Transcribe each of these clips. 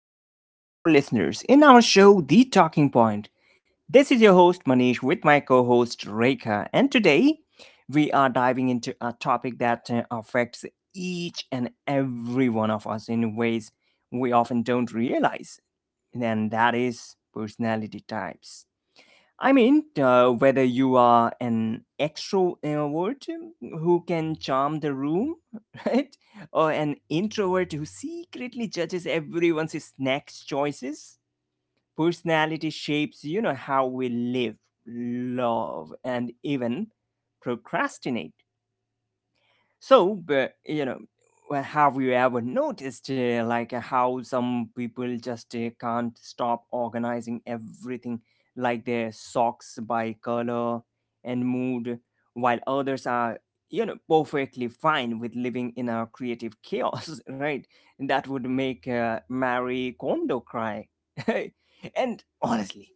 back to all our listeners in our show The Talking Point. This is your host Manish with my co-host Rekha, and today we are diving into a topic that affects each and every one of us in ways we often don't realize, and that is personality types. I mean, whether you are an extrovert who can charm the room, right? Or an introvert who secretly judges everyone's snacks choices, personality shapes, how we live, love, and even procrastinate. So, but you know, well, Have you ever noticed how some people just can't stop organizing everything, like their socks by color and mood, while others are perfectly fine with living in a creative chaos, right? That would make Marie Kondo cry. And honestly,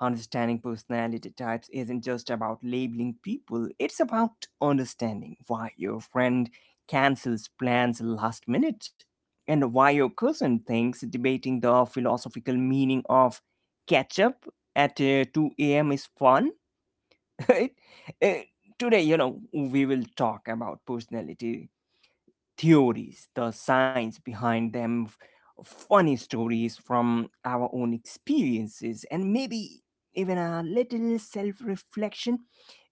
understanding personality types isn't just about labeling people, it's about understanding why your friend cancels plans last minute and why your cousin thinks debating the philosophical meaning of ketchup at 2 a.m. is fun. Uh, Today, we will talk about personality theories, the science behind them, funny stories from our own experiences, and maybe even a little self reflection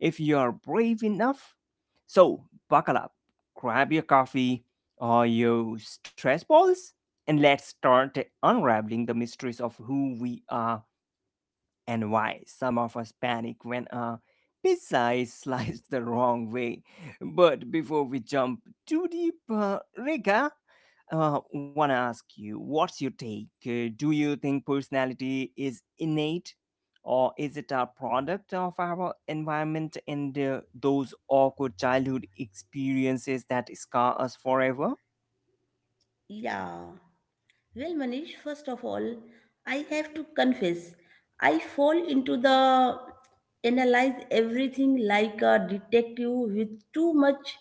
if you are brave enough. So, buckle up, grab your coffee or your stress balls, and let's start unraveling the mysteries of who we are and why some of us panic when a pizza is sliced the wrong way. But before we jump too deep, Rika, want to ask you, what's your take? Do you think personality is innate? Or is it a product of our environment and those awkward childhood experiences that scar us forever? Yeah. Well, Manish, first of all, I have to confess, I fall into the analyze everything like a detective with too much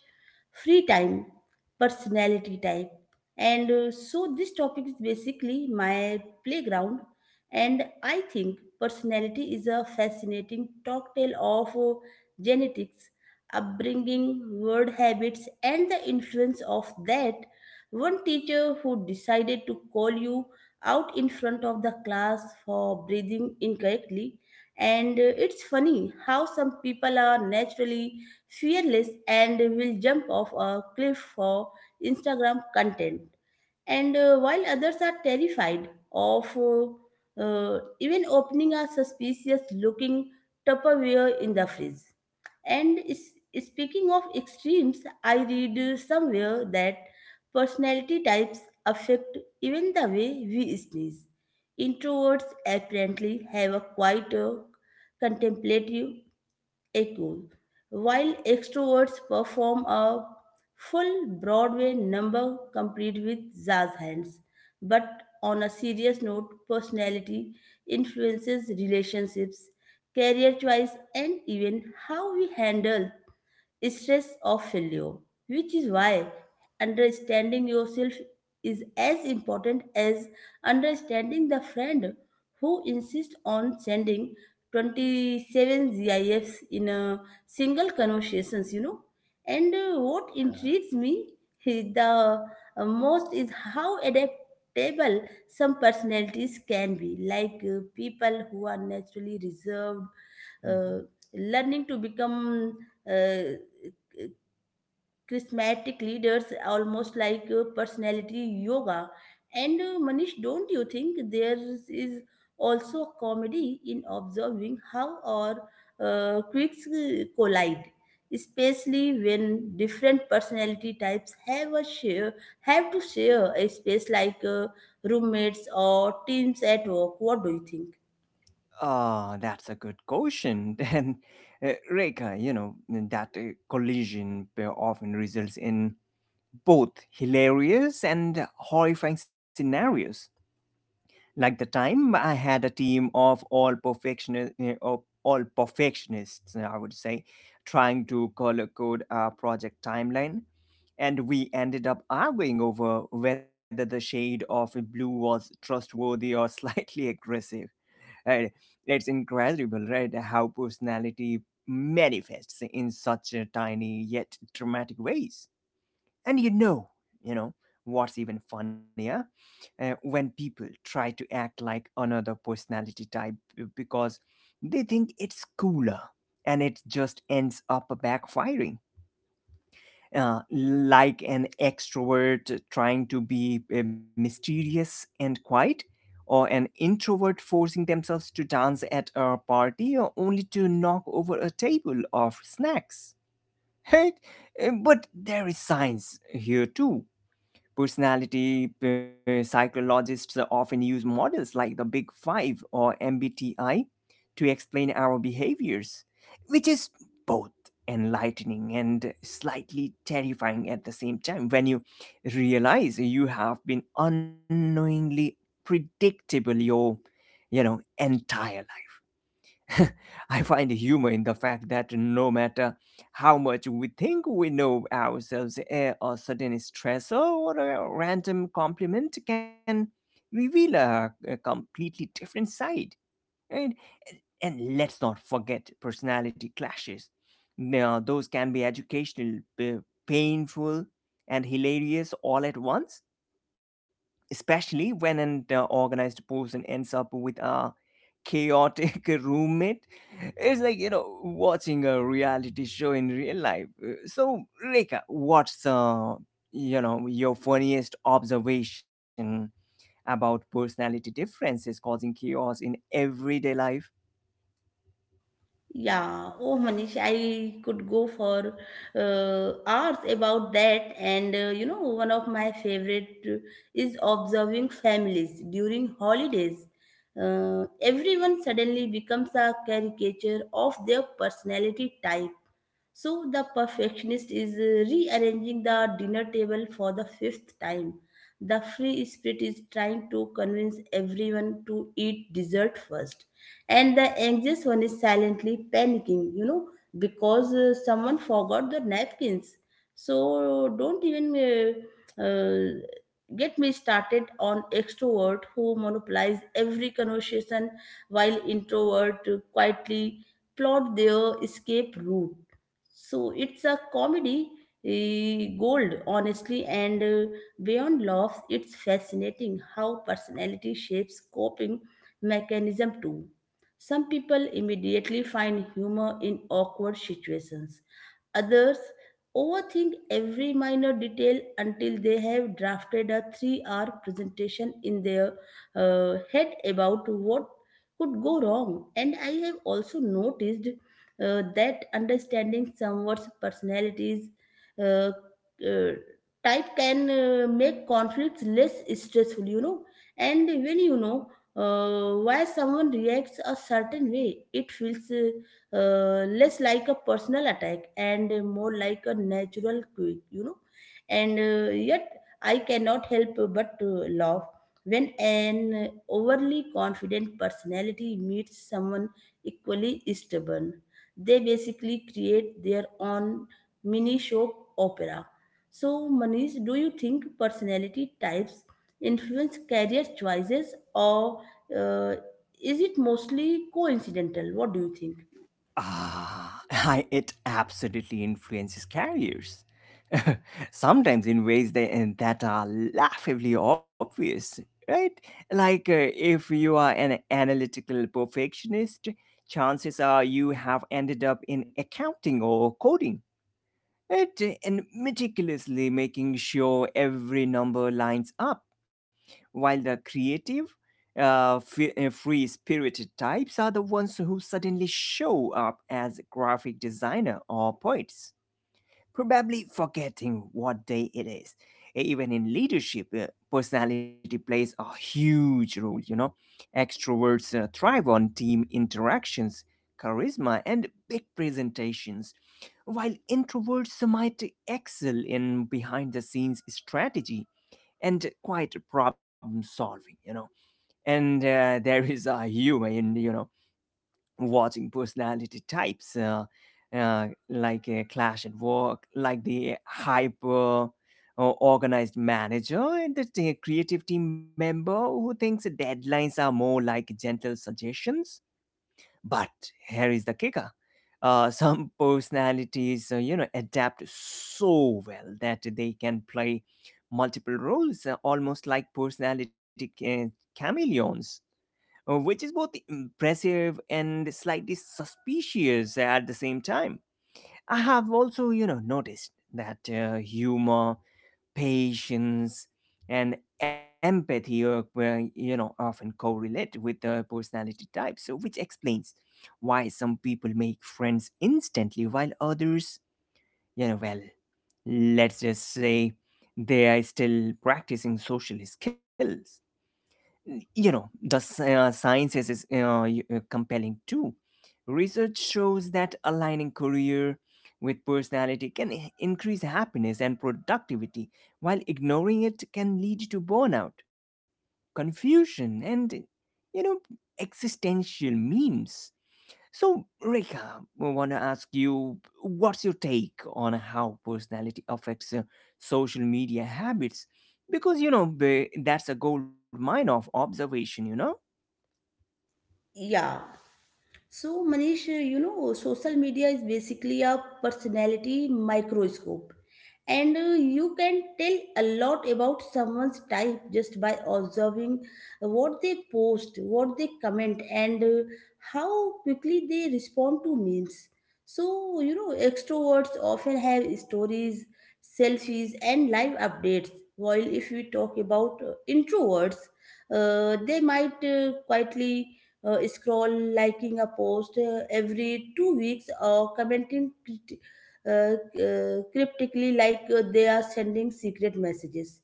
free time, personality type. And so this topic is basically my playground. And I think personality is a fascinating cocktail of genetics, upbringing, word habits, and the influence of that one teacher who decided to call you out in front of the class for breathing incorrectly. And It's funny how some people are naturally fearless and will jump off a cliff for Instagram content. And while others are terrified of even opening a suspicious looking Tupperware in the fridge. And is, speaking of extremes, I read somewhere that personality types affect even the way we sneeze. Introverts apparently have a quieter, contemplative echo, while extroverts perform a full Broadway number complete with jazz hands. But on a serious note, personality influences relationships, career choice, and even how we handle stress of failure, which is why understanding yourself is as important as understanding the friend who insists on sending 27 GIFs in a single conversations. And What intrigues me is the most is how adaptable some personalities can be, like people who are naturally reserved, uh, learning to become uh, charismatic leaders, almost like personality yoga. And manish, don't you think there is also a comedy in observing how our quirks collide, especially when different personality types have to share a space like roommates or teams at work? What do you think? That's a good question. And Reka, that collision often results in both hilarious and horrifying scenarios. Like the time I had a team of all perfectionists, of I would say, trying to color code our project timeline, and we ended up arguing over whether the shade of blue was trustworthy or slightly aggressive, right? It's incredible, right? How personality manifests in such a tiny yet dramatic ways. And you know, what's even funnier? When people try to act like another personality type because they think it's cooler, and it just ends up backfiring, like an extrovert trying to be mysterious and quiet, or an introvert forcing themselves to dance at a party, or only to knock over a table of snacks. Right? But there is science here too. Personality psychologists often use models like the Big Five or MBTI to explain our behaviors, which is both enlightening and slightly terrifying at the same time, when you realize you have been unknowingly predictable your entire… I find humor in the fact that no matter how much we think we know ourselves, eh, a certain stressor or a random compliment can reveal a completely different side. And and let's not forget personality clashes. Now, those can be educational, painful, and hilarious all at once, especially when an organized person ends up with a chaotic roommate. It's like, you know, watching a reality show in real life. So, Reka, what's, your funniest observation about personality differences causing chaos in everyday life? Yeah, oh Manish, I could go for hours about that. And You know, one of my favorite is observing families during holidays. Everyone suddenly becomes a caricature of their personality type. So the perfectionist is rearranging the dinner table for the fifth time. The free spirit is trying to convince everyone to eat dessert first. And the anxious one is silently panicking, because someone forgot the napkins. So don't even get me started on extrovert who monopolize every conversation while introvert quietly plot their escape route. So it's a comedy, gold, honestly, and beyond laughs, it's fascinating how personality shapes coping mechanism too. Some people immediately find humor in awkward situations. Others overthink every minor detail until they have drafted a 3 hour presentation in their head about what could go wrong. And I have also noticed that understanding someone's personalities uh, uh, type can make conflicts less stressful, you know. And when you know why someone reacts a certain way, it feels less like a personal attack and more like a natural quirk, you know. And Yet, I cannot help but to laugh when an overly confident personality meets someone equally stubborn. They basically create their own mini show opera. So, Manish, do you think personality types influence career choices, or uh, is it mostly coincidental? What do you think? Ah, it absolutely influences carriers. Sometimes in ways that are laughably obvious, right? Like if you are an analytical perfectionist, chances are you have ended up in accounting or coding, right? And meticulously making sure every number lines up, while the creative, uh, free spirited types are the ones who suddenly show up as graphic designer or poets, probably forgetting what day it is. Even in leadership, personality plays a huge role, you know. Extroverts thrive on team interactions, charisma, and big presentations, while introverts might excel in behind the scenes strategy and quite problem solving, you know. And there is a humor in, you know, watching personality types uh, like a clash at work, like the hyper organized manager and the creative team member who thinks deadlines are more like gentle suggestions. But here is the kicker. Some personalities, adapt so well that they can play multiple roles, almost like personality chameleons, which is both impressive and slightly suspicious at the same time. I have also, you know, noticed that humor, patience, and empathy are, well, you know, often correlate with the personality type, so which explains why some people make friends instantly, while others, you know, well, let's just say they are still practicing social skills, you know. The science is, is compelling too. Research shows that aligning career with personality can increase happiness and productivity, while ignoring it can lead to burnout, confusion, and, you know, existential memes. So, Rika, I want to ask you, what's your take on how personality affects social media habits? Because, you know, that's a gold mine of observation, you know? Yeah. So, Manish, you know, social media is basically a personality microscope, and you can tell a lot about someone's type just by observing what they post, what they comment, and how quickly they respond to memes. So, you know, extroverts often have stories, selfies, and live updates, while if we talk about introverts, they might quietly scroll, liking a post every 2 weeks, or commenting uh, cryptically like they are sending secret messages.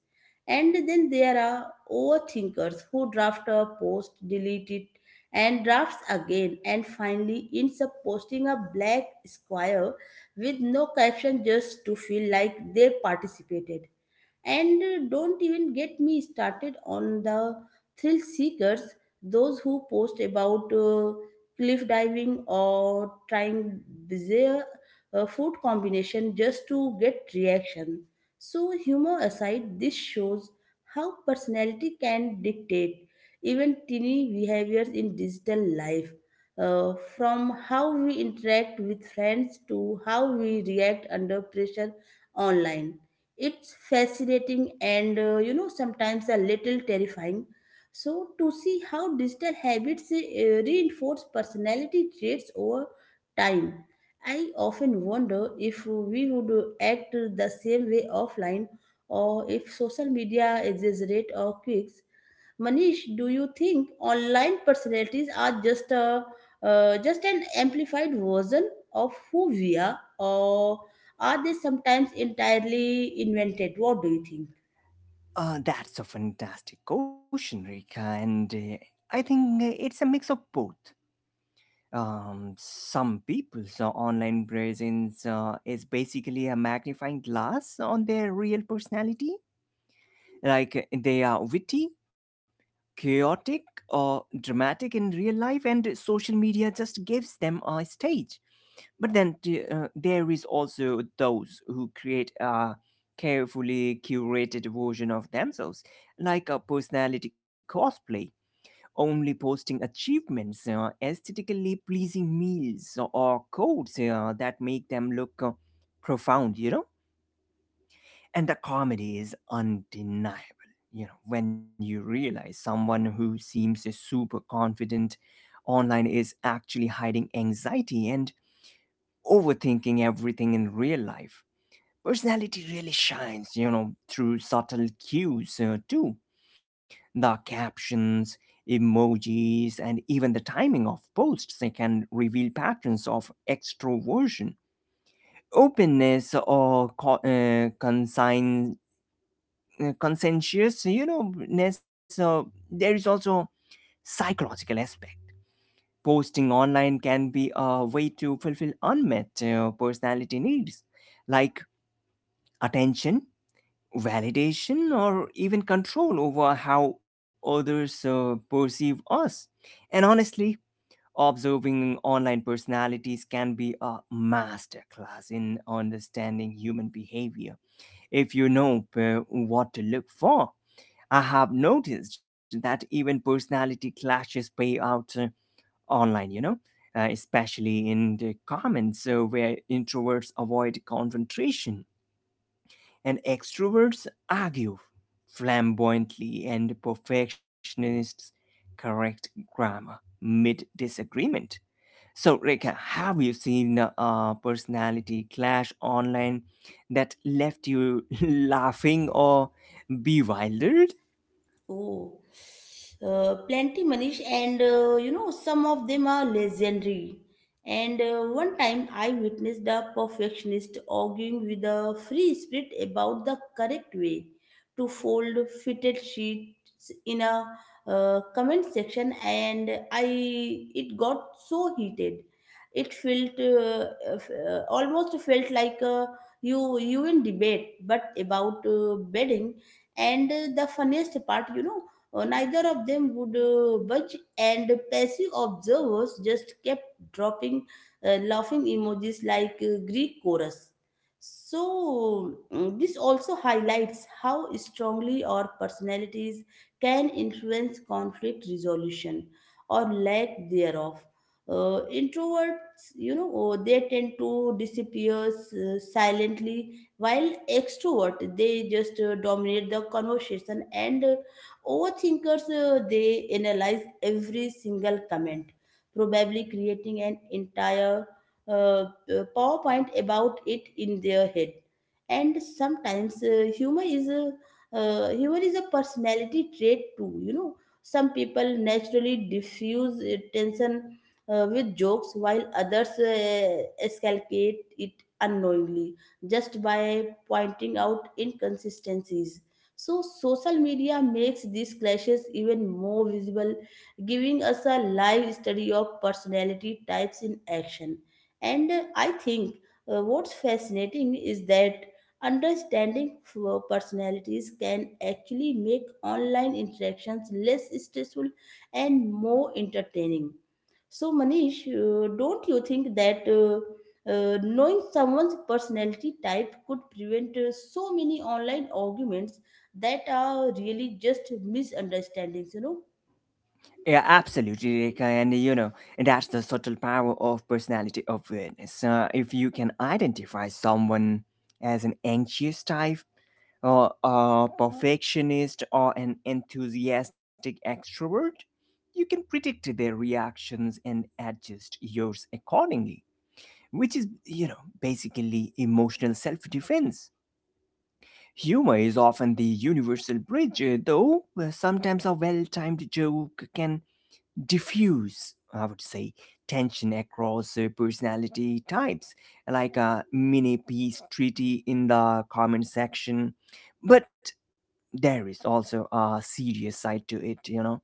And then there are overthinkers who draft a post, delete it, and drafts again, and finally ends up posting a black square with no caption just to feel like they participated. And Don't even get me started on the thrill seekers, those who post about cliff diving or trying bizarre food combination just to get reaction. So humor aside, this shows how personality can dictate even teeny behaviors in digital life. From how we interact with friends to how we react under pressure online, it's fascinating and you know, sometimes a little terrifying. So to see how digital habits reinforce personality traits over time. I often wonder if we would act the same way offline or if social media exaggerate our quirks. Manish, do you think online personalities are just a just an amplified version of who we are, or are they sometimes entirely invented? What do you think? That's a fantastic question, Rika, and I think it's a mix of both. Some people's online presence is basically a magnifying glass on their real personality. Like they are witty, chaotic, or dramatic in real life, and social media just gives them a stage. But then there is also those who create a carefully curated version of themselves, like a personality cosplay, only posting achievements, aesthetically pleasing meals, or codes that make them look profound, you know? And the comedy is undeniable, you know, when you realize someone who seems super confident online is actually hiding anxiety and overthinking everything in real life. Personality really shines, you know, through subtle cues, too. The captions, emojis, and even the timing of posts, they can reveal patterns of extroversion, openness, or co- consign conscientious, ness. Uh, there is also psychological aspect. Posting online can be a way to fulfill unmet personality needs, like attention, validation, or even control over how others perceive us. And honestly, observing online personalities can be a masterclass in understanding human behavior, if you know what to look for. I have noticed that even personality clashes play out online, you know, especially in the comments, where introverts avoid confrontation and extroverts argue flamboyantly, and perfectionists correct grammar mid disagreement. So, Rika, have you seen a personality clash online that left you laughing or bewildered? Oh, plenty, Manish, and you know, some of them are legendary. And One time I witnessed a perfectionist arguing with a free spirit about the correct way to fold fitted sheets in a comment section, and I it got so heated. It felt almost felt like a you in debate, but about bedding. And The funniest part, you know, neither of them would budge, and passive observers just kept dropping laughing emojis like greek chorus. So, this also highlights how strongly our personalities can influence conflict resolution, or lack thereof. Introverts, you know, they tend to disappear silently, while extrovert, they just dominate the conversation, and overthinkers, they analyze every single comment, probably creating an entire uh, powerpoint about it in their head. And sometimes humor is a personality trait too, you know. Some people naturally diffuse tension with jokes, while others escalate it unknowingly just by pointing out inconsistencies. So, social media makes these clashes even more visible, giving us a live study of personality types in action. And I think what's fascinating is that understanding personalities can actually make online interactions less stressful and more entertaining. So, Manish, don't you think that knowing someone's personality type could prevent so many online arguments that are really just misunderstandings, you know? Yeah, absolutely, Rekha. And you know, and that's the subtle power of personality awareness. If you can identify someone as an anxious type, or a perfectionist, or an enthusiastic extrovert, you can predict their reactions and adjust yours accordingly, which is, you know, basically emotional self defense. Humor is often the universal bridge, though sometimes a well timed joke can diffuse, I would say, tension across personality types, like a mini peace treaty in the comment section. But there is also a serious side to it, you know.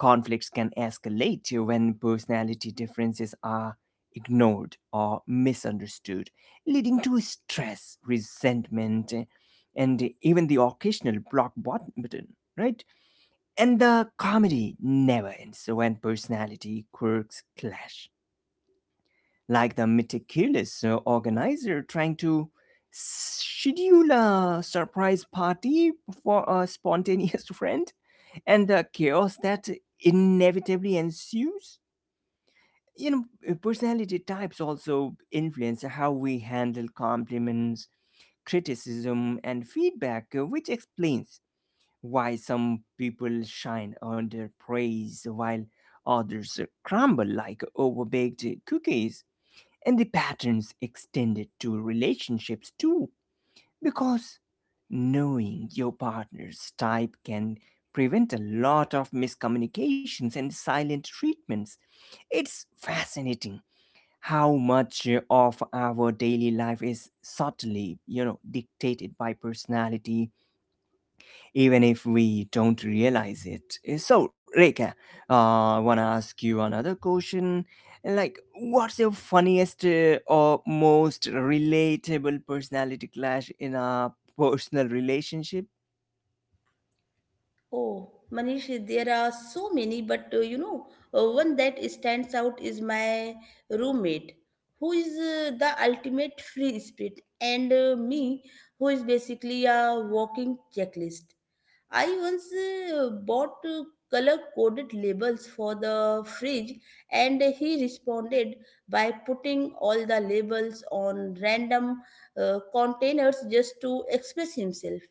Conflicts can escalate when personality differences are ignored or misunderstood, leading to stress, resentment, and even the occasional button, right? And the comedy never ends when personality quirks clash, like the meticulous organizer trying to schedule a surprise party for a spontaneous friend, and the chaos that inevitably ensues. You know, personality types also influence how we handle compliments, criticism, and feedback, which explains why some people shine under praise, while others crumble like overbaked cookies. And the patterns extended to relationships too, because knowing your partner's type can prevent a lot of miscommunications and silent treatments. It's fascinating how much of our daily life is subtly, you know, dictated by personality, even if we don't realize it. Eh, so, Reka, I want to ask you another question. Like, what's your funniest or most relatable personality clash in a personal relationship? Oh, Manish, there are so many, but you know, one that stands out is my roommate, who is the ultimate free spirit, and me, who is basically a walking checklist. I once bought color coded labels for the fridge, and he responded by putting all the labels on random containers just to express himself.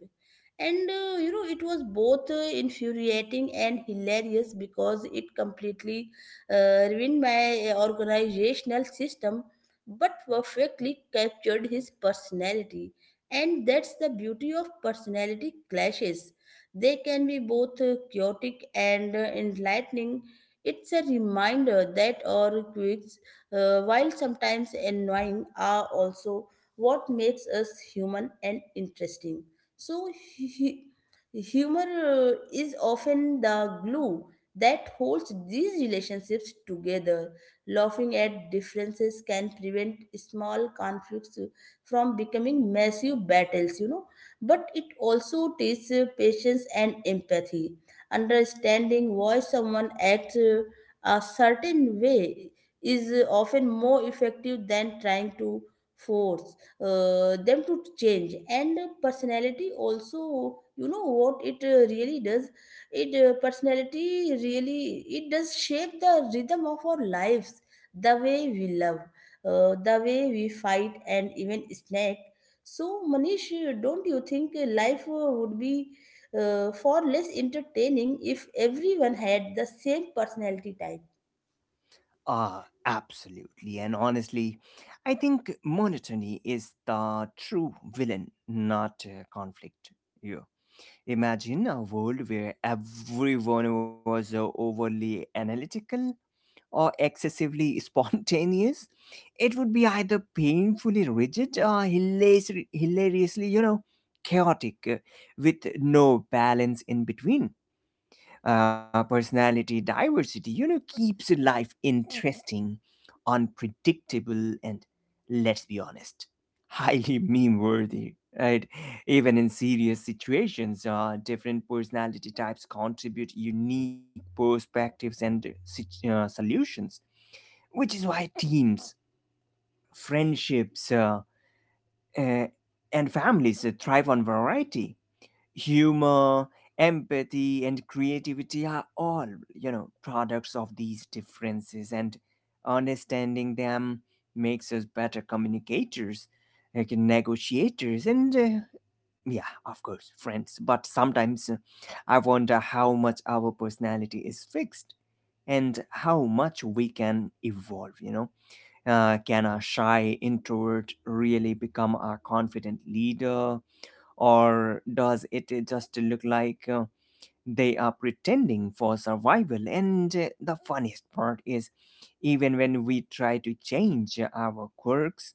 And You know, it was both infuriating and hilarious because it completely ruined my organizational system, but perfectly captured his personality. And that's the beauty of personality clashes: they can be both chaotic and enlightening. It's a reminder that our quirks, while sometimes annoying, are also what makes us human and interesting. So, he, humor is often the glue that holds these relationships together. Laughing at differences can prevent small conflicts from becoming massive battles, you know, but it also teaches patience and empathy. Understanding why someone acts a certain way is often more effective than trying to force them to change. And personality also you know what it really does it Personality really, it does shape the rhythm of our lives, the way we love, the way we fight, and even snack. So, Manish, don't you think life would be far less entertaining if everyone had the same personality type? Ah, absolutely. And honestly, I think monotony is the true villain, not conflict. You imagine a world where everyone was overly analytical or excessively spontaneous. It would be either painfully rigid or hilariously, you know, chaotic, with no balance in between. Personality diversity, you know, keeps life interesting, unpredictable, and, let's be honest, highly meme worthy, right? Even in serious situations, different personality types contribute unique perspectives and solutions, which is why teams, friendships, uh, and families thrive on variety. Humor, empathy, and creativity are all, you know, products of these differences, and understanding them makes us better communicators, like negotiators, and, yeah, of course, friends. But sometimes I wonder how much our personality is fixed and how much we can evolve, you know. Can a shy introvert really become a confident leader? Or does it just look like they are pretending for survival? And the funniest part is, even when we try to change our quirks,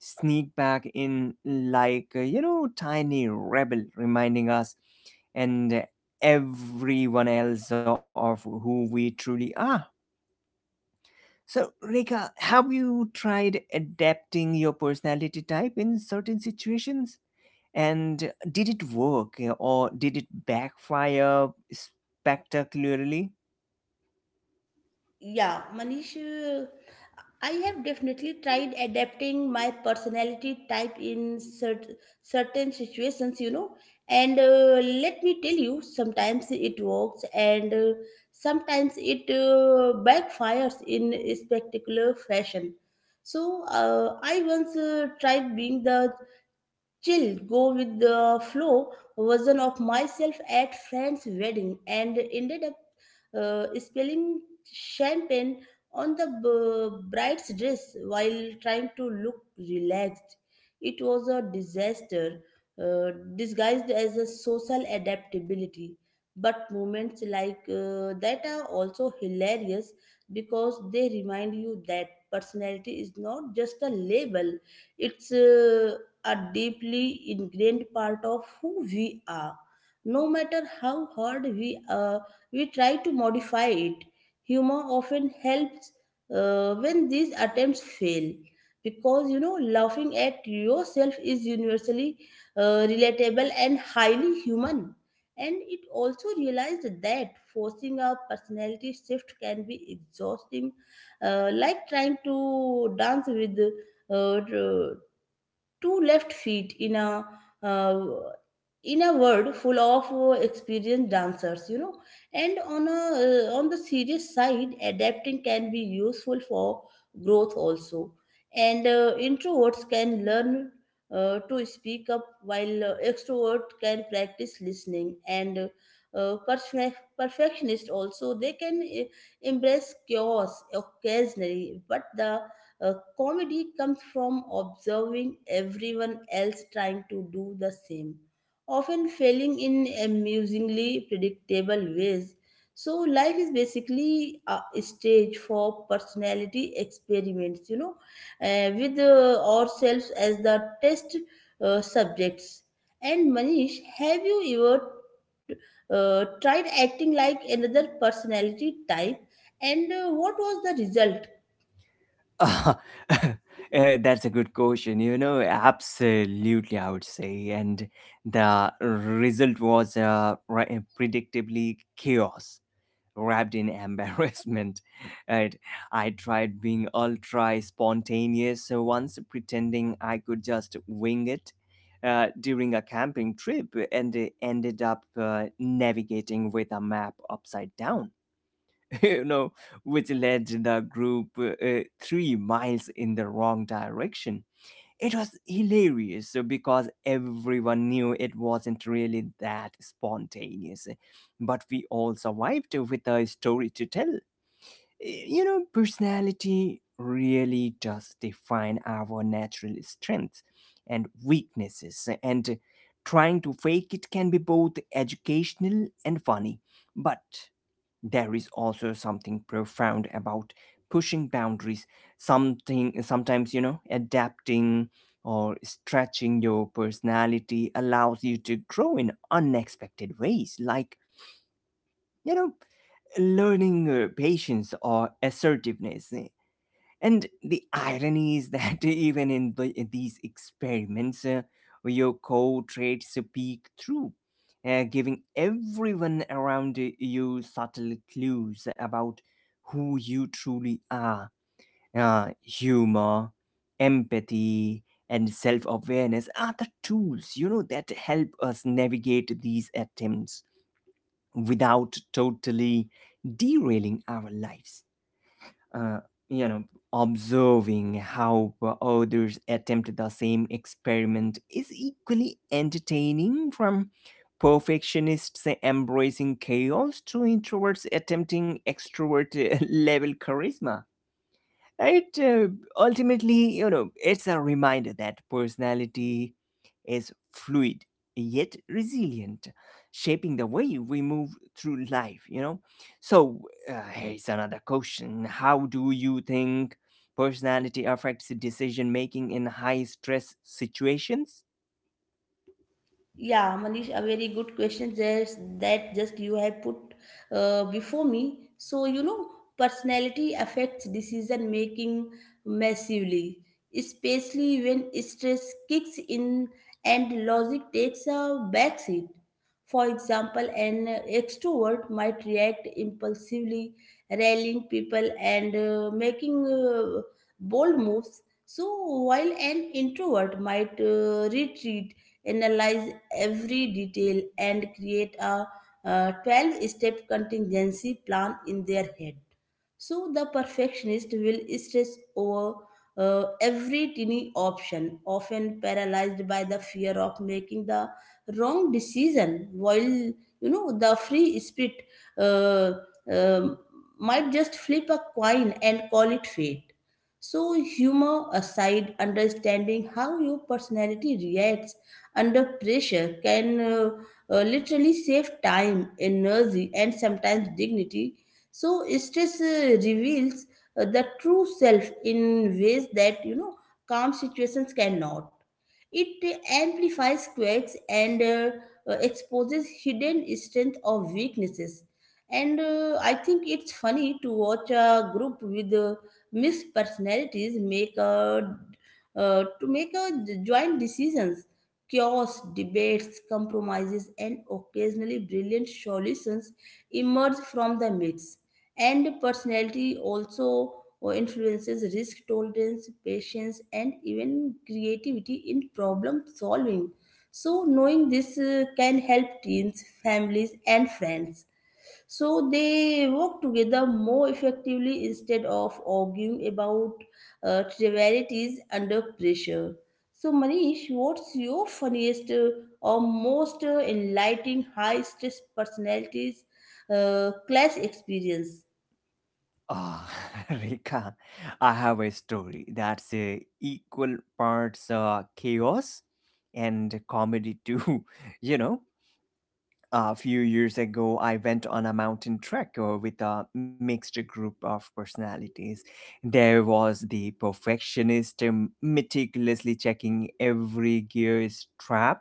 sneak back in like, tiny rebel reminding us and everyone else of who we truly are. So, Rika, have you tried adapting your personality type in certain situations? And did it work or did it backfire spectacularly? Yeah, Manish, I have definitely tried adapting my personality type in certain situations, you know. And Let me tell you, sometimes it works, and sometimes it backfires in a spectacular fashion. So, I once tried being the chill, go with the flow version of myself at friend's wedding, and ended up spilling champagne on the bride's dress while trying to look relaxed. It was a disaster disguised as a social adaptability. But moments like that are also hilarious, because they remind you that personality is not just a label, it's a deeply ingrained part of who we are, no matter how hard we we try to modify it. Humor often helps when these attempts fail, because you know, laughing at yourself is universally relatable and highly human. And it also realized that forcing a personality shift can be exhausting, like trying to dance with uh, two left feet in a uh, in a world full of experienced dancers, you know. And on a on the serious side, adapting can be useful for growth also. And Introverts can learn to speak up, while extrovert can practice listening, and perfectionist also, they can embrace chaos occasionally. But the comedy comes from observing everyone else trying to do the same, often failing in amusingly predictable ways. So, life is basically a stage for personality experiments, you know, with ourselves as the test subjects. And Manish, have you ever tried acting like another personality type? And what was the result? Uh, that's a good question. Absolutely, I would say. And the result was predictably chaos wrapped in embarrassment. Right? I tried being ultra spontaneous once, pretending I could just wing it during a camping trip, and ended up navigating with a map upside down you know, which led the group 3 miles in the wrong direction. It was hilarious because everyone knew it wasn't really that spontaneous, but we all survived with a story to tell. Personality really does define our natural strengths and weaknesses, and trying to fake it can be both educational and funny. But there is also something profound about pushing boundaries. Something, sometimes, adapting or stretching your personality allows you to grow in unexpected ways, like, you know learning patience or assertiveness and the irony is that even in these experiments, your core traits peek through, giving everyone around you subtle clues about who you truly are. Humor, empathy, and self awareness are the tools, that help us navigate these attempts without totally derailing our lives uh, you know Observing how others attempt the same experiment is equally entertaining, from perfectionists embracing chaos to introverts attempting extrovert level charisma. Right? Ultimately, it's a reminder that personality is fluid yet resilient, shaping the way we move through life, you know? So, here's another question. How do you think personality affects decision making in high stress situations? Yeah, Manish, a very good question there that just you have put before me. So, you know, personality affects decision making massively, especially when stress kicks in and logic takes a backseat. For example, an extrovert might react impulsively, rallying people and making bold moves. So, while an introvert might retreat, analyze every detail, and create a 12-step step contingency plan in their head. So the perfectionist will stress over every tiny option, often paralyzed by the fear of making the wrong decision, while you know the free spirit uh, um might just flip a coin and call it fate. So, humor aside, understanding how your personality reacts under pressure can literally save time, energy, and sometimes dignity. So stress reveals the true self in ways that, you know, calm situations cannot. It amplifies quirks and exposes hidden strength or weaknesses. And I think it's funny to watch a group with mixed personalities make a to make a joint decisions. Chaos, debates, compromises, and occasionally brilliant solutions emerge from the mix. And personality also influences risk tolerance, patience, and even creativity in problem solving. So, knowing this can help teens, families, and friends so they work together more effectively instead of arguing about trivialities under pressure. So, Manish, what's your funniest or most enlightening high stress personalities class experience? Ah, Rekha, I have a story that's equal parts chaos and comedy too. You know, A few years ago, I went on a mountain trek with a mixed group of personalities. There was the perfectionist, meticulously checking every gear strap,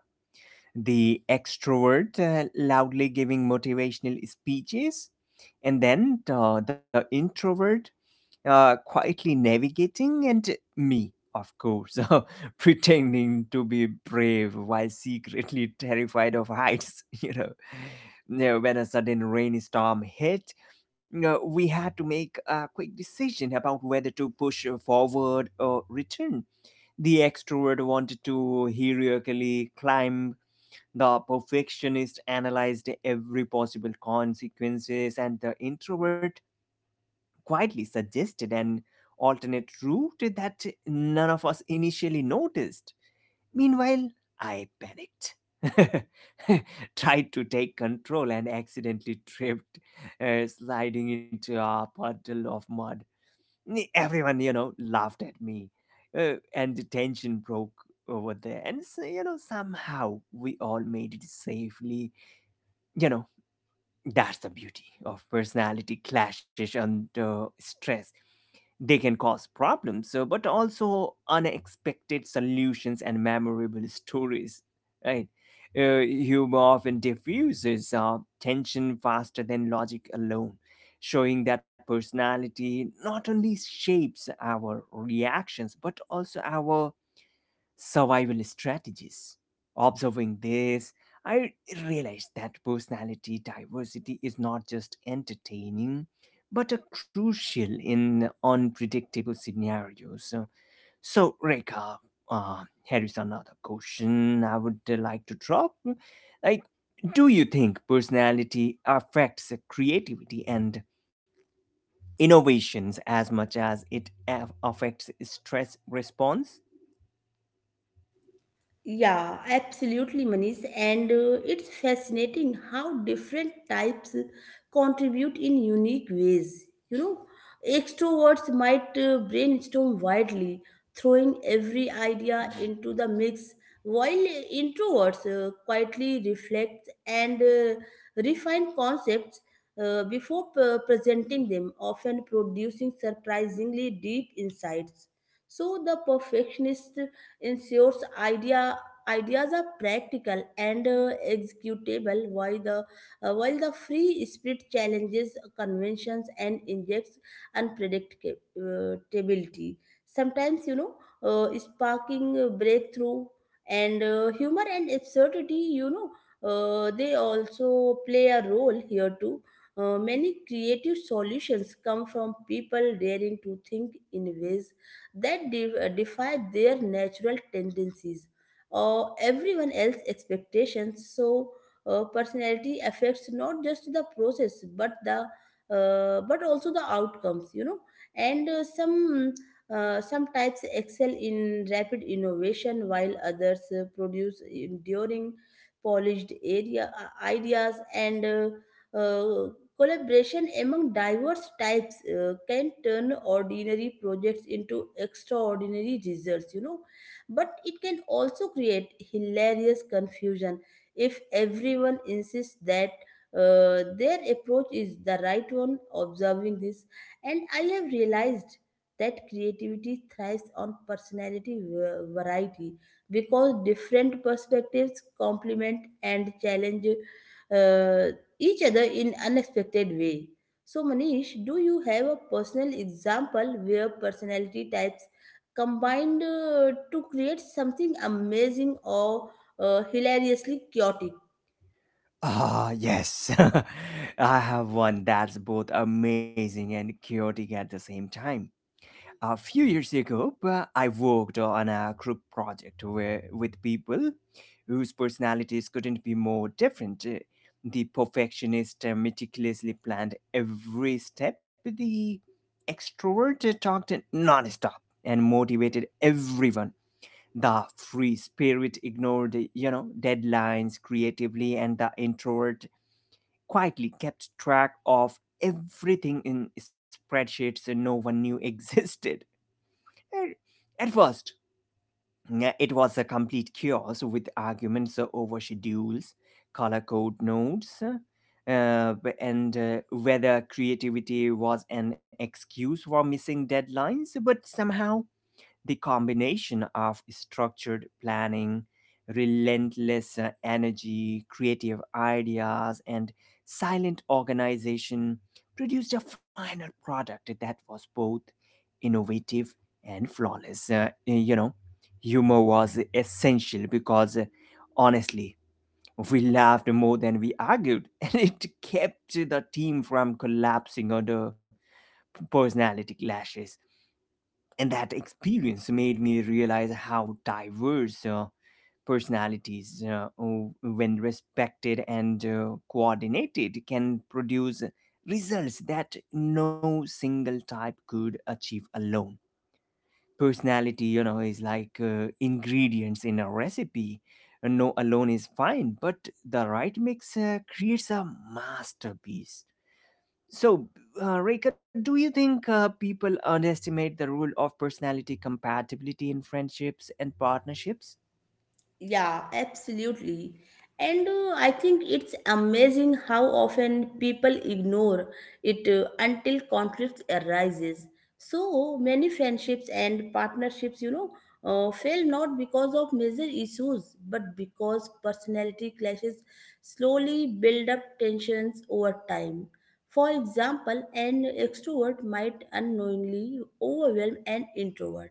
the extrovert, loudly giving motivational speeches, and then the introvert, quietly navigating, and me, of course, pretending to be brave while secretly terrified of heights. Now, when a sudden rainstorm hit, we had to make a quick decision about whether to push forward or return. The extrovert wanted to heroically climb, the perfectionist analyzed every possible consequences, and the introvert quietly suggested an alternate route that none of us initially noticed. Meanwhile, I panicked. Tried to take control and accidentally tripped, sliding into a puddle of mud. Everyone, laughed at me, and the tension broke over there. And so, somehow we all made it safely. You know, that's the beauty of personality clashes under stress. They can cause problems, but also unexpected solutions and memorable stories, right? Humor often diffuses tension faster than logic alone, showing that personality not only shapes our reactions but also our survival strategies. Observing this, I realized that personality diversity is not just entertaining, but a crucial in unpredictable scenarios. So, Rekha, here is another question I would like to drop. Like, do you think personality affects creativity and innovations as much as it affects stress response? Yeah, absolutely, Manish. And it's fascinating how different types contribute in unique ways. You know, extroverts might brainstorm widely, throwing every idea into the mix, while introverts quietly reflect and refine concepts before presenting them, often producing surprisingly deep insights. So the perfectionist ensures ideas are practical and executable, while the free spirit challenges conventions and injects unpredictability, sometimes, you know, sparking a breakthrough. And humor and absurdity, you know, they also play a role here too. Many creative solutions come from people daring to think in ways that defy their natural tendencies or everyone else's expectations. So personality affects not just the process but the but also the outcomes, you know. And some types excel in rapid innovation, while others produce enduring polished area ideas. And uh, collaboration among diverse types can turn ordinary projects into extraordinary results, you know. But it can also create hilarious confusion if everyone insists that their approach is the right one. Observing this, and I have realized that creativity thrives on personality variety, because different perspectives complement and challenge uh, each other in unexpected way. So, Manish, do you have a personal example where personality types combined to create something amazing or hilariously chaotic? Ah, yes. I have one that's both amazing and chaotic at the same time. A few years ago, I worked on a group project where, with people whose personalities couldn't be more different. The perfectionist meticulously planned every step, the extrovert talked nonstop and motivated everyone. The free spirit ignored, deadlines creatively, and the introvert quietly kept track of everything in spreadsheets no one knew existed. At first, yeah, it was a complete chaos with arguments over schedules, color code notes, and whether creativity was an excuse for missing deadlines, but somehow the combination of structured planning, relentless energy, creative ideas, and silent organization produced a final product that was both innovative and flawless. Humor was essential because, honestly, we laughed more than we argued, and it kept the team from collapsing under personality clashes. And that experience made me realize how diverse personalities, when respected and coordinated, can produce results that no single type could achieve alone. Personality, is like ingredients in a recipe. No alone is fine, but the right mix creates a masterpiece. So, Rekha, do you think people underestimate the role of personality compatibility in friendships and partnerships? Yeah, absolutely. And I think it's amazing how often people ignore it until conflict arises. So many friendships and partnerships, you know, fail not because of major issues, but because personality clashes slowly build up tensions over time. For example, an extrovert might unknowingly overwhelm an introvert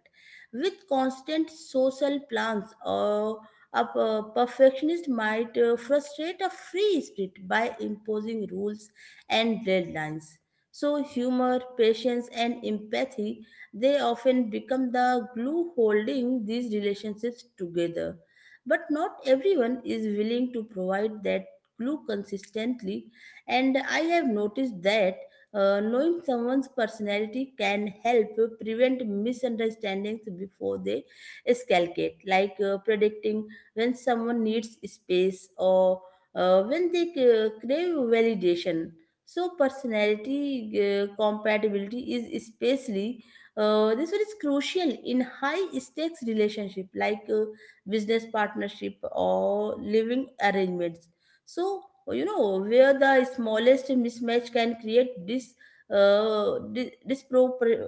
with constant social plans, or a perfectionist might frustrate a free spirit by imposing rules and deadlines. So, humor, patience, and empathy, they often become the glue holding these relationships together. But not everyone is willing to provide that glue consistently, and I have noticed that knowing someone's personality can help prevent misunderstandings before they escalate, like predicting when someone needs space or when they crave validation. So personality compatibility is especially, this one is crucial in high stakes relationship like business partnership or living arrangements. So, you know, where the smallest mismatch can create this uh, di- dispropor-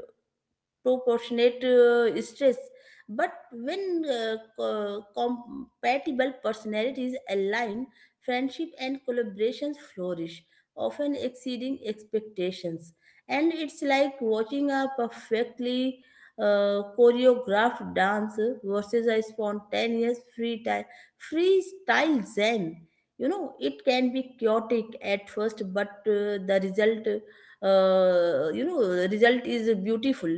proportionate stress. But when compatible personalities align, friendship and collaborations flourish, often exceeding expectations. And it's like watching a perfectly choreographed dance versus a spontaneous freestyle zen, you know. It can be chaotic at first, but the result you know result is beautiful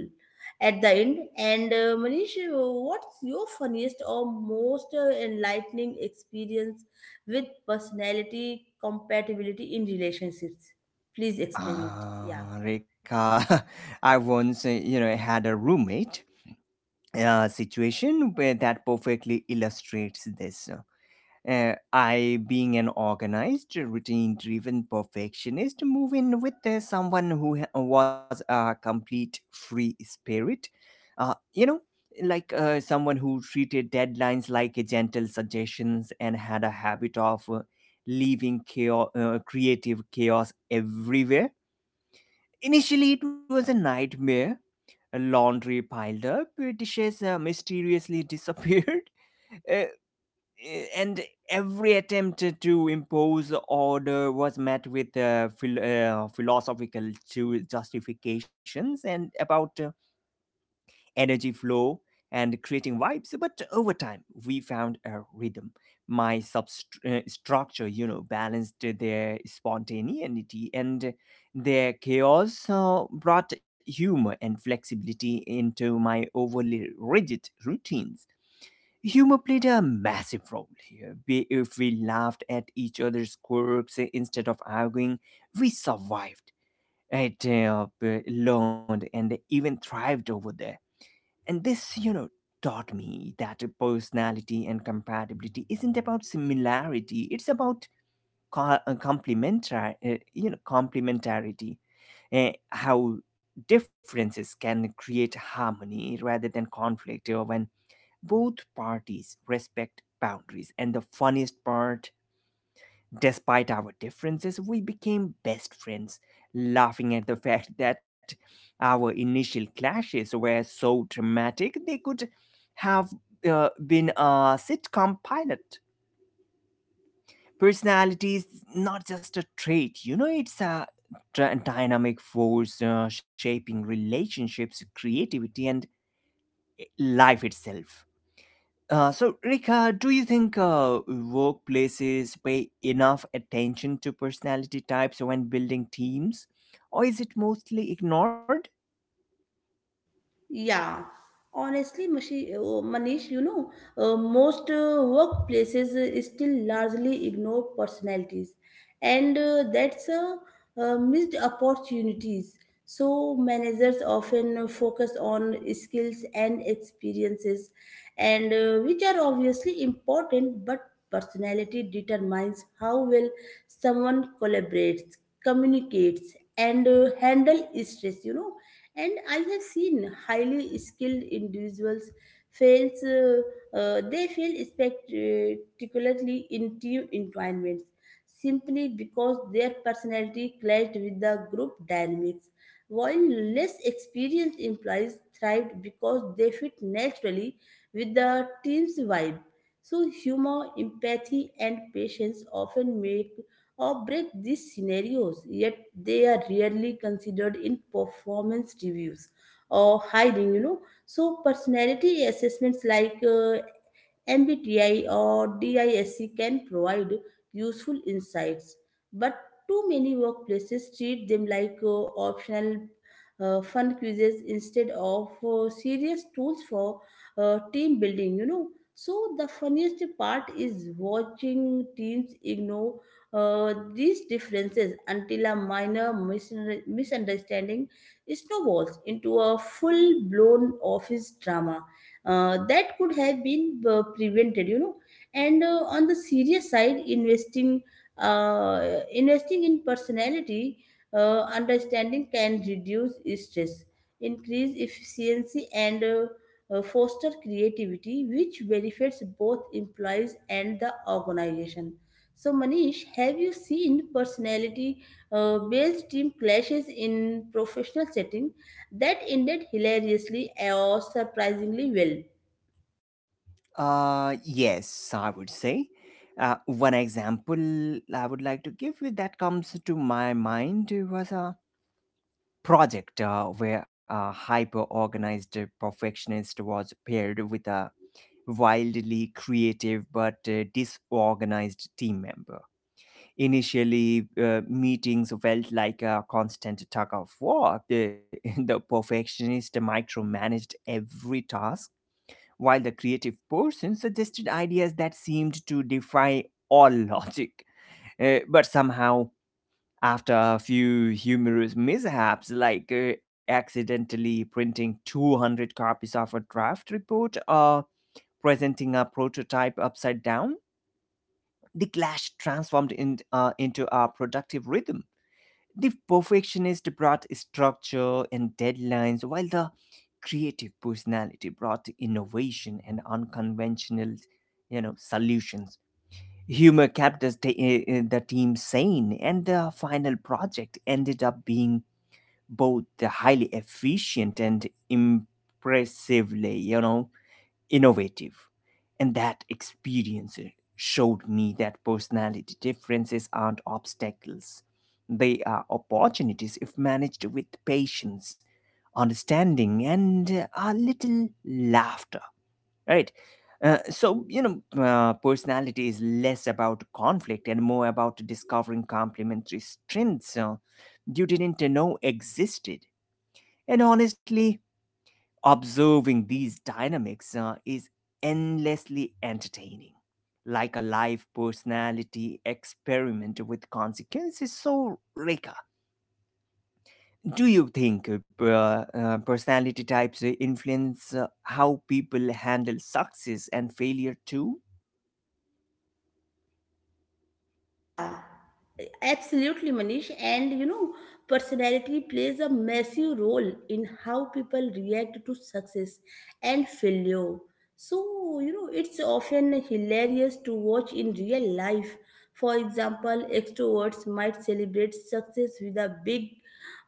at the end. And Manish, what's your funniest or most enlightening experience with personality compatibility in relationships? Please explain it. Yeah. Ah, Rekha, I once, had a roommate situation where that perfectly illustrates this. I, being an organized, routine driven perfectionist, move in with someone who was a complete free spirit. Uh, you know, like someone who treated deadlines like a gentle suggestions and had a habit of leaving chaos, creative chaos everywhere. Initially, it was a nightmare. Laundry piled up, dishes mysteriously disappeared. uh, and every attempt to impose order was met with philosophical justifications and about energy flow and creating vibes. But over time we found a rhythm. My structure balanced their spontaneity, and their chaos brought humor and flexibility into my overly rigid routines. Humor played a massive role here. If we laughed at each other's quirks instead of arguing, we survived, learned, and even thrived over there. And this, taught me that personality and compatibility isn't about similarity; it's about complementary, complementarity. How differences can create harmony rather than conflict, or when both parties respect boundaries. And the funniest part, despite our differences, we became best friends, laughing at the fact that our initial clashes were so dramatic they could have been a sitcom pilot. Personality is not just a trait, it's a dynamic force shaping relationships, creativity, and life itself. So, Rika, do you think workplaces pay enough attention to personality types when building teams, or is it mostly ignored? Yeah, honestly, Manish, you know, most workplaces still largely ignore personalities, and that's a missed opportunities. So managers often focus on skills and experiences, and which are obviously important, but personality determines how well someone collaborates, communicates, and handle stress. You know, and I have seen highly skilled individuals fails they fail spectacularly in team environments, simply because their personality clashed with the group dynamics, while less experienced employees thrived because they fit naturally with the team's vibe. So humor, empathy, and patience often make or break these scenarios, yet they are rarely considered in performance reviews or hiring, you know. So, personality assessments like MBTI or DISC can provide useful insights, but too many workplaces treat them like optional fun quizzes instead of serious tools for team building, you know. So, the funniest part is watching teams ignore these differences until a minor misunderstanding snowballs into a full blown office drama that could have been prevented, you know. And on the serious side, uh, investing in personality understanding can reduce stress, increase efficiency, and foster creativity, which benefits both employees and the organization. So, Manish, have you seen personality based team clashes in professional setting that ended hilariously or surprisingly well? Yes, I would say. One example I would like to give you that comes to my mind was a project where a hyper organized perfectionist was paired with a wildly creative but disorganized team member. Initially, meetings felt like a constant tug of war. The perfectionist micromanaged every task, while the creative person suggested ideas that seemed to defy all logic. But somehow, after a few humorous mishaps, like accidentally printing 200 copies of a draft report or presenting a prototype upside down, the clash transformed into a productive rhythm. The perfectionist brought structure and deadlines, while the creative personality brought innovation and unconventional, solutions. Humor kept the team sane, and the final project ended up being both highly efficient and impressively, innovative. And that experience showed me that personality differences aren't obstacles, they are opportunities if managed with patience, understanding, and a little laughter. Right? So, personality is less about conflict and more about discovering complementary strengths you didn't know existed. And honestly, observing these dynamics is endlessly entertaining, like a live personality experiment with consequences. So, Reka, do you think personality types influence how people handle success and failure too? Yeah, absolutely, Manish. And you know, personality plays a massive role in how people react to success and failure. So, you know, it's often hilarious to watch in real life. For example, extroverts might celebrate success with a big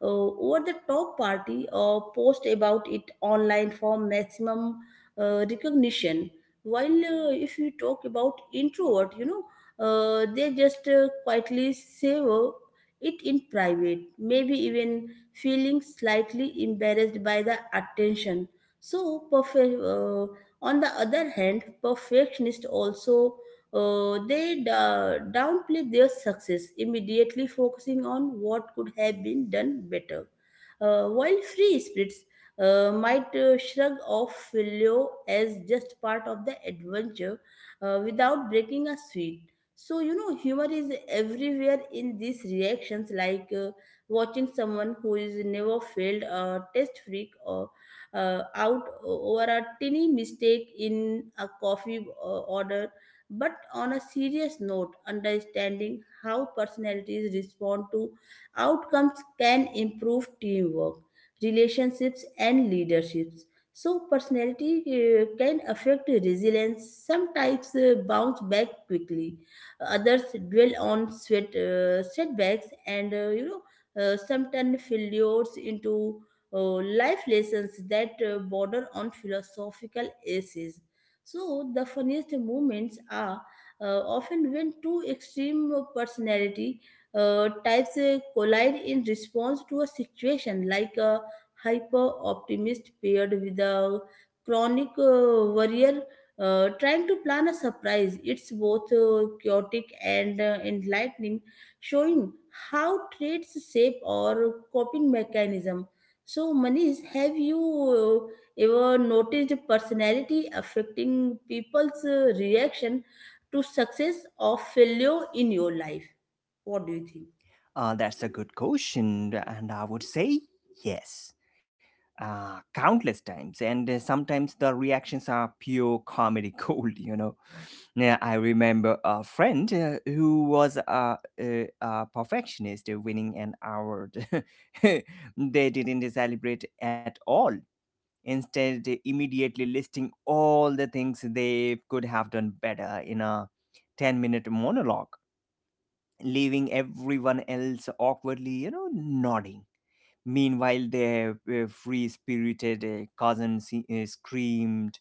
over the top party, or post about it online for maximum recognition. While if you talk about introvert, you know, they just quietly savor it in private, maybe even feeling slightly embarrassed by the attention. So, on the other hand, perfectionists also downplay their success, immediately focusing on what could have been done better. While free spirits might shrug off failure as just part of the adventure without breaking a sweat. So, you know, humor is everywhere in these reactions, like watching someone who is never failed a test freak or out over a tiny mistake in a coffee order. But on a serious note, understanding how personalities respond to outcomes can improve teamwork, relationships, and leaderships. So, personality can affect resilience, sometimes bounce back quickly. Others dwell on sweat, setbacks, and, you know, sometimes failures into life lessons that border on philosophical essays. So the funniest moments are often when two extreme personality types collide in response to a situation, like a hyper optimist paired with a chronic warrior trying to plan a surprise. It's both chaotic and enlightening, showing how traits shape our coping mechanism. So, Manish, have you ever noticed personality affecting people's reaction to success or failure in your life? What do you think? That's a good question, and I would say yes, countless times, and sometimes the reactions are pure comedy gold, you know. Yeah, I remember a friend who was a perfectionist winning an award. They didn't celebrate at all. Instead, they immediately listing all the things they could have done better in a 10-minute monologue, leaving everyone else awkwardly, nodding. Meanwhile, their free spirited cousin screamed,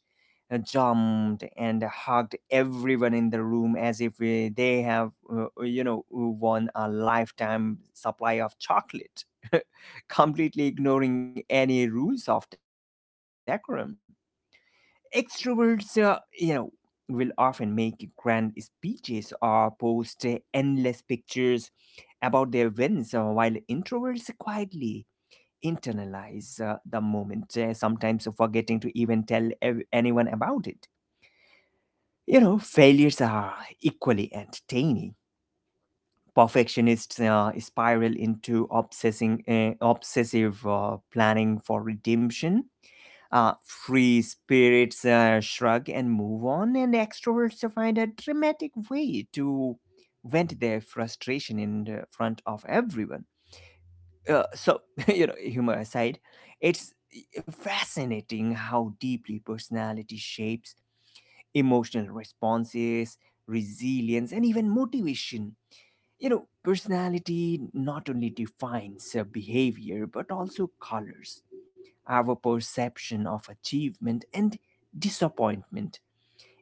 jumped, and hugged everyone in the room as if they have, won a lifetime supply of chocolate, completely ignoring any rules of decorum. Extroverts, will often make grand speeches or post endless pictures about their wins, while introverts quietly internalize the moment, sometimes forgetting to even tell anyone about it. Failures are equally entertaining. Perfectionists spiral into obsessive planning for redemption. Uh, Free spirits shrug and move on, and extroverts find a dramatic way to vent their frustration in the front of everyone so humor aside, it's fascinating how deeply personality shapes emotional responses, resilience, and even motivation. Personality not only defines behavior but also colors our perception of achievement and disappointment,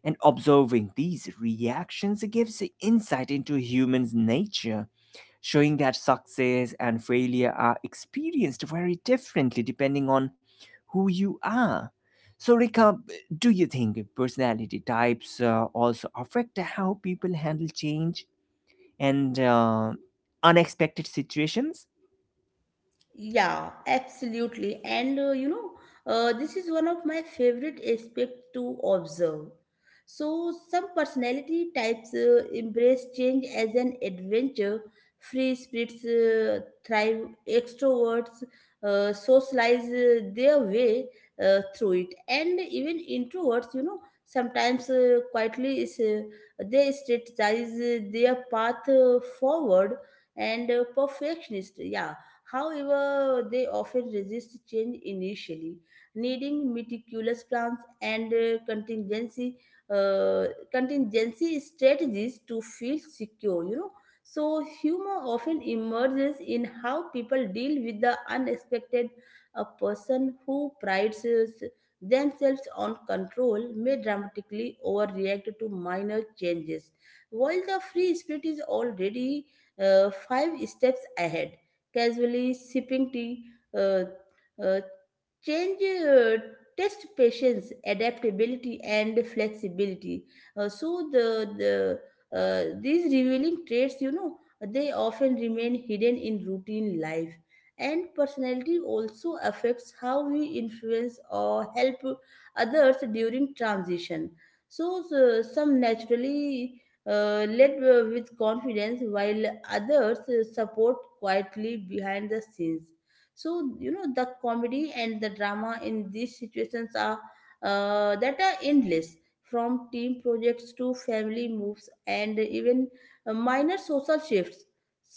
and observing these reactions gives insight into human nature, showing that success and failure are experienced very differently depending on who you are. So, Rika, do you think personality types also affect how people handle change and unexpected situations? Yeah, absolutely. And you know, this is one of my favorite aspects to observe. So, some personality types embrace change as an adventure. Free spirits thrive, extroverts socialize their way through it. And even introverts, you know, sometimes they strategize their path forward. And perfectionist. Yeah. However, they often resist change initially, needing meticulous plans and uh, contingency strategies to feel secure. You know, so humor often emerges in how people deal with the unexpected. A person who prides themselves on control may dramatically overreact to minor changes, while the free spirit is already five steps ahead, casually sipping tea. Uh, uh, change test patience, adaptability, and flexibility. So the these revealing traits, you know, they often remain hidden in routine life. And personality also affects how we influence or help others during transition. So, some naturally led with confidence, while others support quietly behind the scenes. So, you know, the comedy and the drama in these situations are that are endless, from team projects to family moves and even minor social shifts.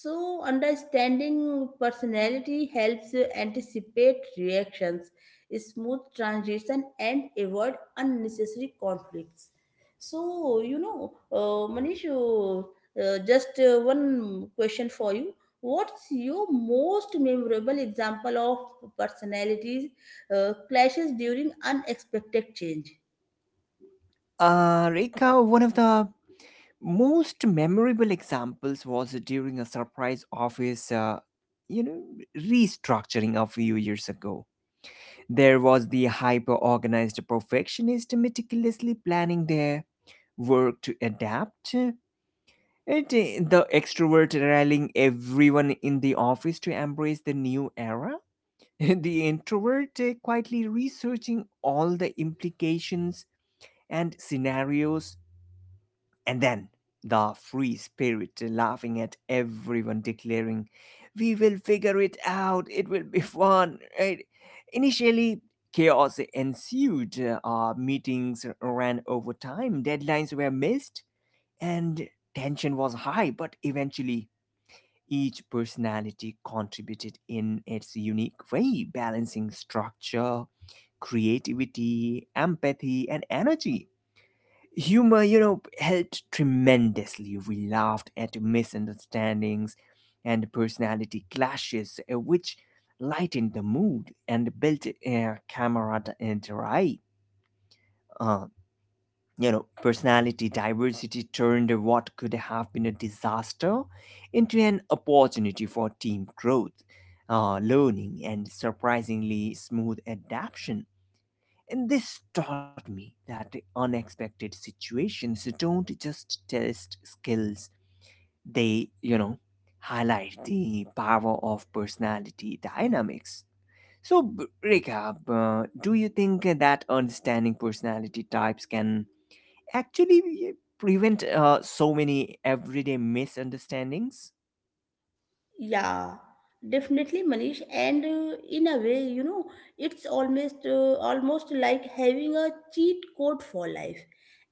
So, understanding personality helps anticipate reactions, smooth transition, and avoid unnecessary conflicts. So, you know, Manish, just one question for you. What's your most memorable example of personalities clashes during unexpected change? Rika, one of the most memorable examples was during a surprise office you know restructuring a few years ago. There was the hyper organized perfectionist meticulously planning their work to adapt, and the extrovert rallying everyone in the office to embrace the new era. The introvert quietly researching all the implications and scenarios. And then the free spirit laughing at everyone, declaring, "We will figure it out, it will be fun. Right?" Initially, chaos ensued. Meetings ran over time, deadlines were missed, and tension was high, but eventually, each personality contributed in its unique way, balancing structure, creativity, empathy, and energy. Humor, helped tremendously. We laughed at misunderstandings and personality clashes, which lightened the mood and built camaraderie. Uh, Personality diversity turned what could have been a disaster into an opportunity for team growth, learning, and surprisingly smooth adaptation. And this taught me that unexpected situations don't just test skills, they, highlight the power of personality dynamics. So, Rekha, do you think that understanding personality types can actually eh, prevent so many everyday misunderstandings? Yeah, definitely, Manish. And in a way, you know, it's almost like having a cheat code for life.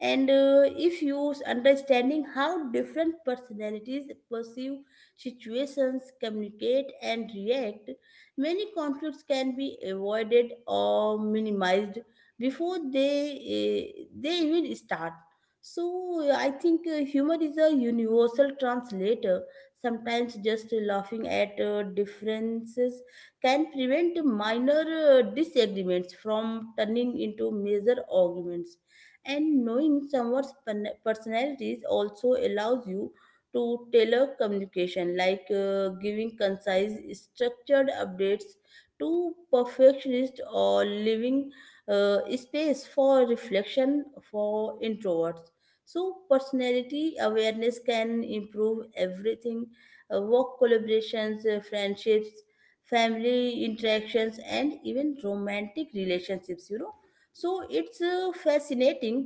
And if you understanding how different personalities perceive situations, communicate, and react, many conflicts can be avoided or minimized before they even start. So I think humor is a universal translator. Sometimes just laughing at differences can prevent minor disagreements from turning into major arguments. And knowing someone's personalities also allows you to tailor communication, like giving concise, structured updates to perfectionists, or leaving space for reflection for introverts. So, personality awareness can improve everything: work collaborations, friendships, family interactions, and even romantic relationships. You know, so it's fascinating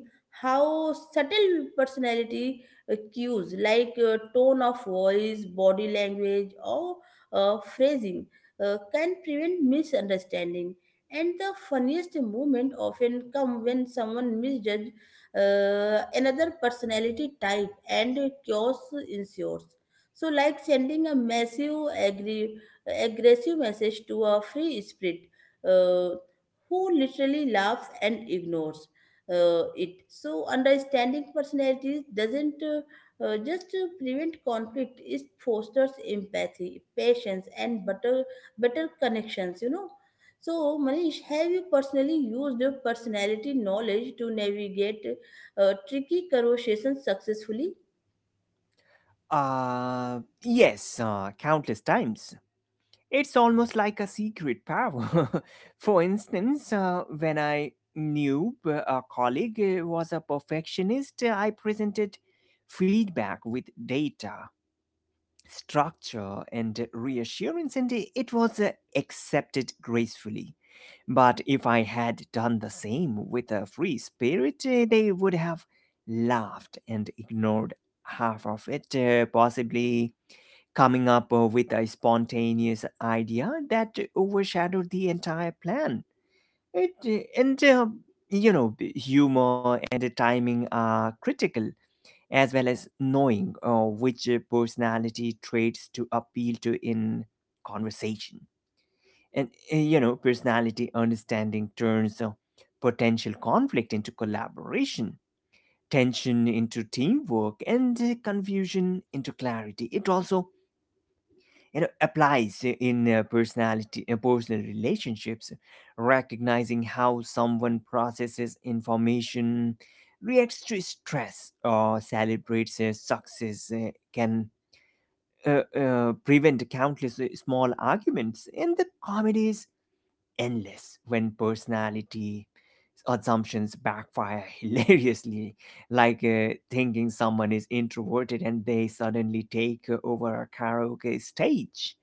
how subtle personality cues like tone of voice, body language, or phrasing can prevent misunderstanding. And the funniest moment often come when someone misjudges another personality type and chaos ensues. So, like sending a massive, aggressive message to a free spirit uh, who literally laughs and ignores it. So, understanding personalities doesn't just prevent conflict; it fosters empathy, patience, and better connections. You know. So, Manish, have you personally used your personality knowledge to navigate tricky corrosion successfully? Uh, yes, countless times. It's almost like a secret power. For instance, when I knew a colleague was a perfectionist, I presented feedback with data, structure, and reassurance, and it was accepted gracefully. But if I had done the same with a free spirit, they would have laughed and ignored half of it, possibly coming up with a spontaneous idea that overshadowed the entire plan. It, uh, and, uh, Humor and the timing are critical, as well as knowing which personality traits to appeal to in conversation. And, personality understanding turns potential conflict into collaboration, tension into teamwork, and confusion into clarity. It also applies in personal relationships, recognizing how someone processes information, reacts to stress, or celebrates success can prevent countless small arguments, and the comedy is endless when personality assumptions backfire hilariously, like thinking someone is introverted and they suddenly take over a karaoke stage.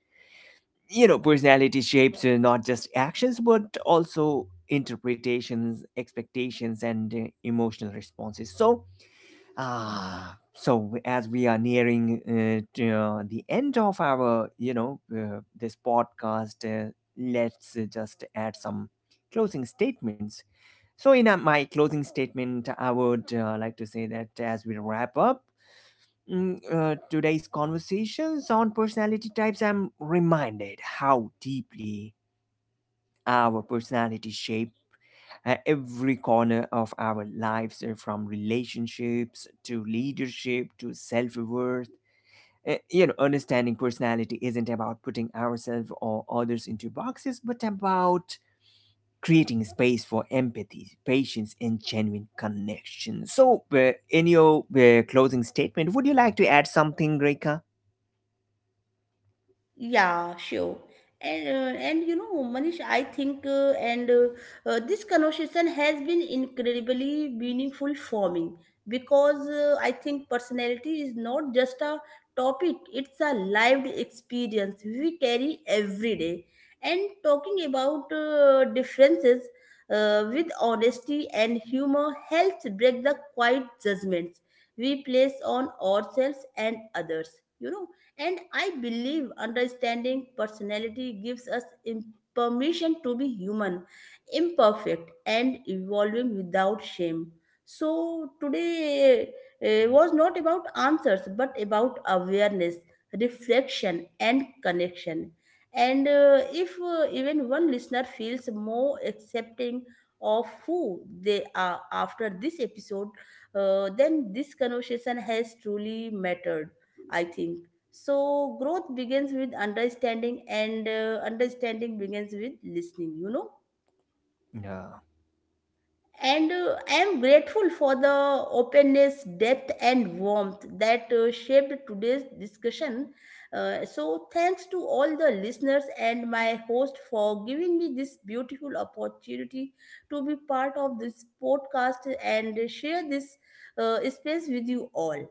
Personality shapes not just actions but also interpretations, expectations, and emotional responses. So, as we are nearing the end of our this podcast, let's just add some closing statements. So in my closing statement, I would like to say that as we wrap up today's conversations on personality types, I'm reminded how deeply our personality shape every corner of our lives, from relationships to leadership to self worth. You know, understanding personality isn't about putting ourselves or others into boxes, but about creating space for empathy, patience, and genuine connection. So, in your closing statement, would you like to add something, Reka? Yeah, sure. And you know, Manish, I think, and this conversation has been incredibly meaningful for me because I think personality is not just a topic; it's a lived experience we carry every day. And talking about differences with honesty and humor helps break the quiet judgments we place on ourselves and others. You know, and I believe understanding personality gives us permission to be human, imperfect, and evolving without shame. So, today was not about answers but about awareness, reflection, and connection. And if even one listener feels more accepting of who they are after this episode, then this conversation has truly mattered, I think. So growth begins with understanding, and understanding begins with listening, you know. No. And I am grateful for the openness, depth, and warmth that shaped today's discussion. So, thanks to all the listeners and my host for giving me this beautiful opportunity to be part of this podcast and share this space with you all.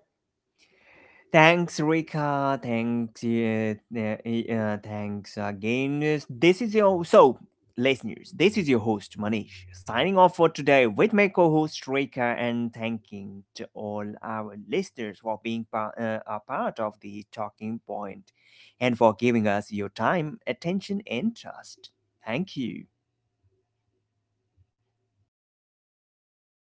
Thanks, Rika. Thanks, thanks again. This is your so listeners. This is your host Manish, signing off for today with my co-host Rika, and thanking to all our listeners for being a part of The Talking Point, and for giving us your time, attention, and trust. Thank you.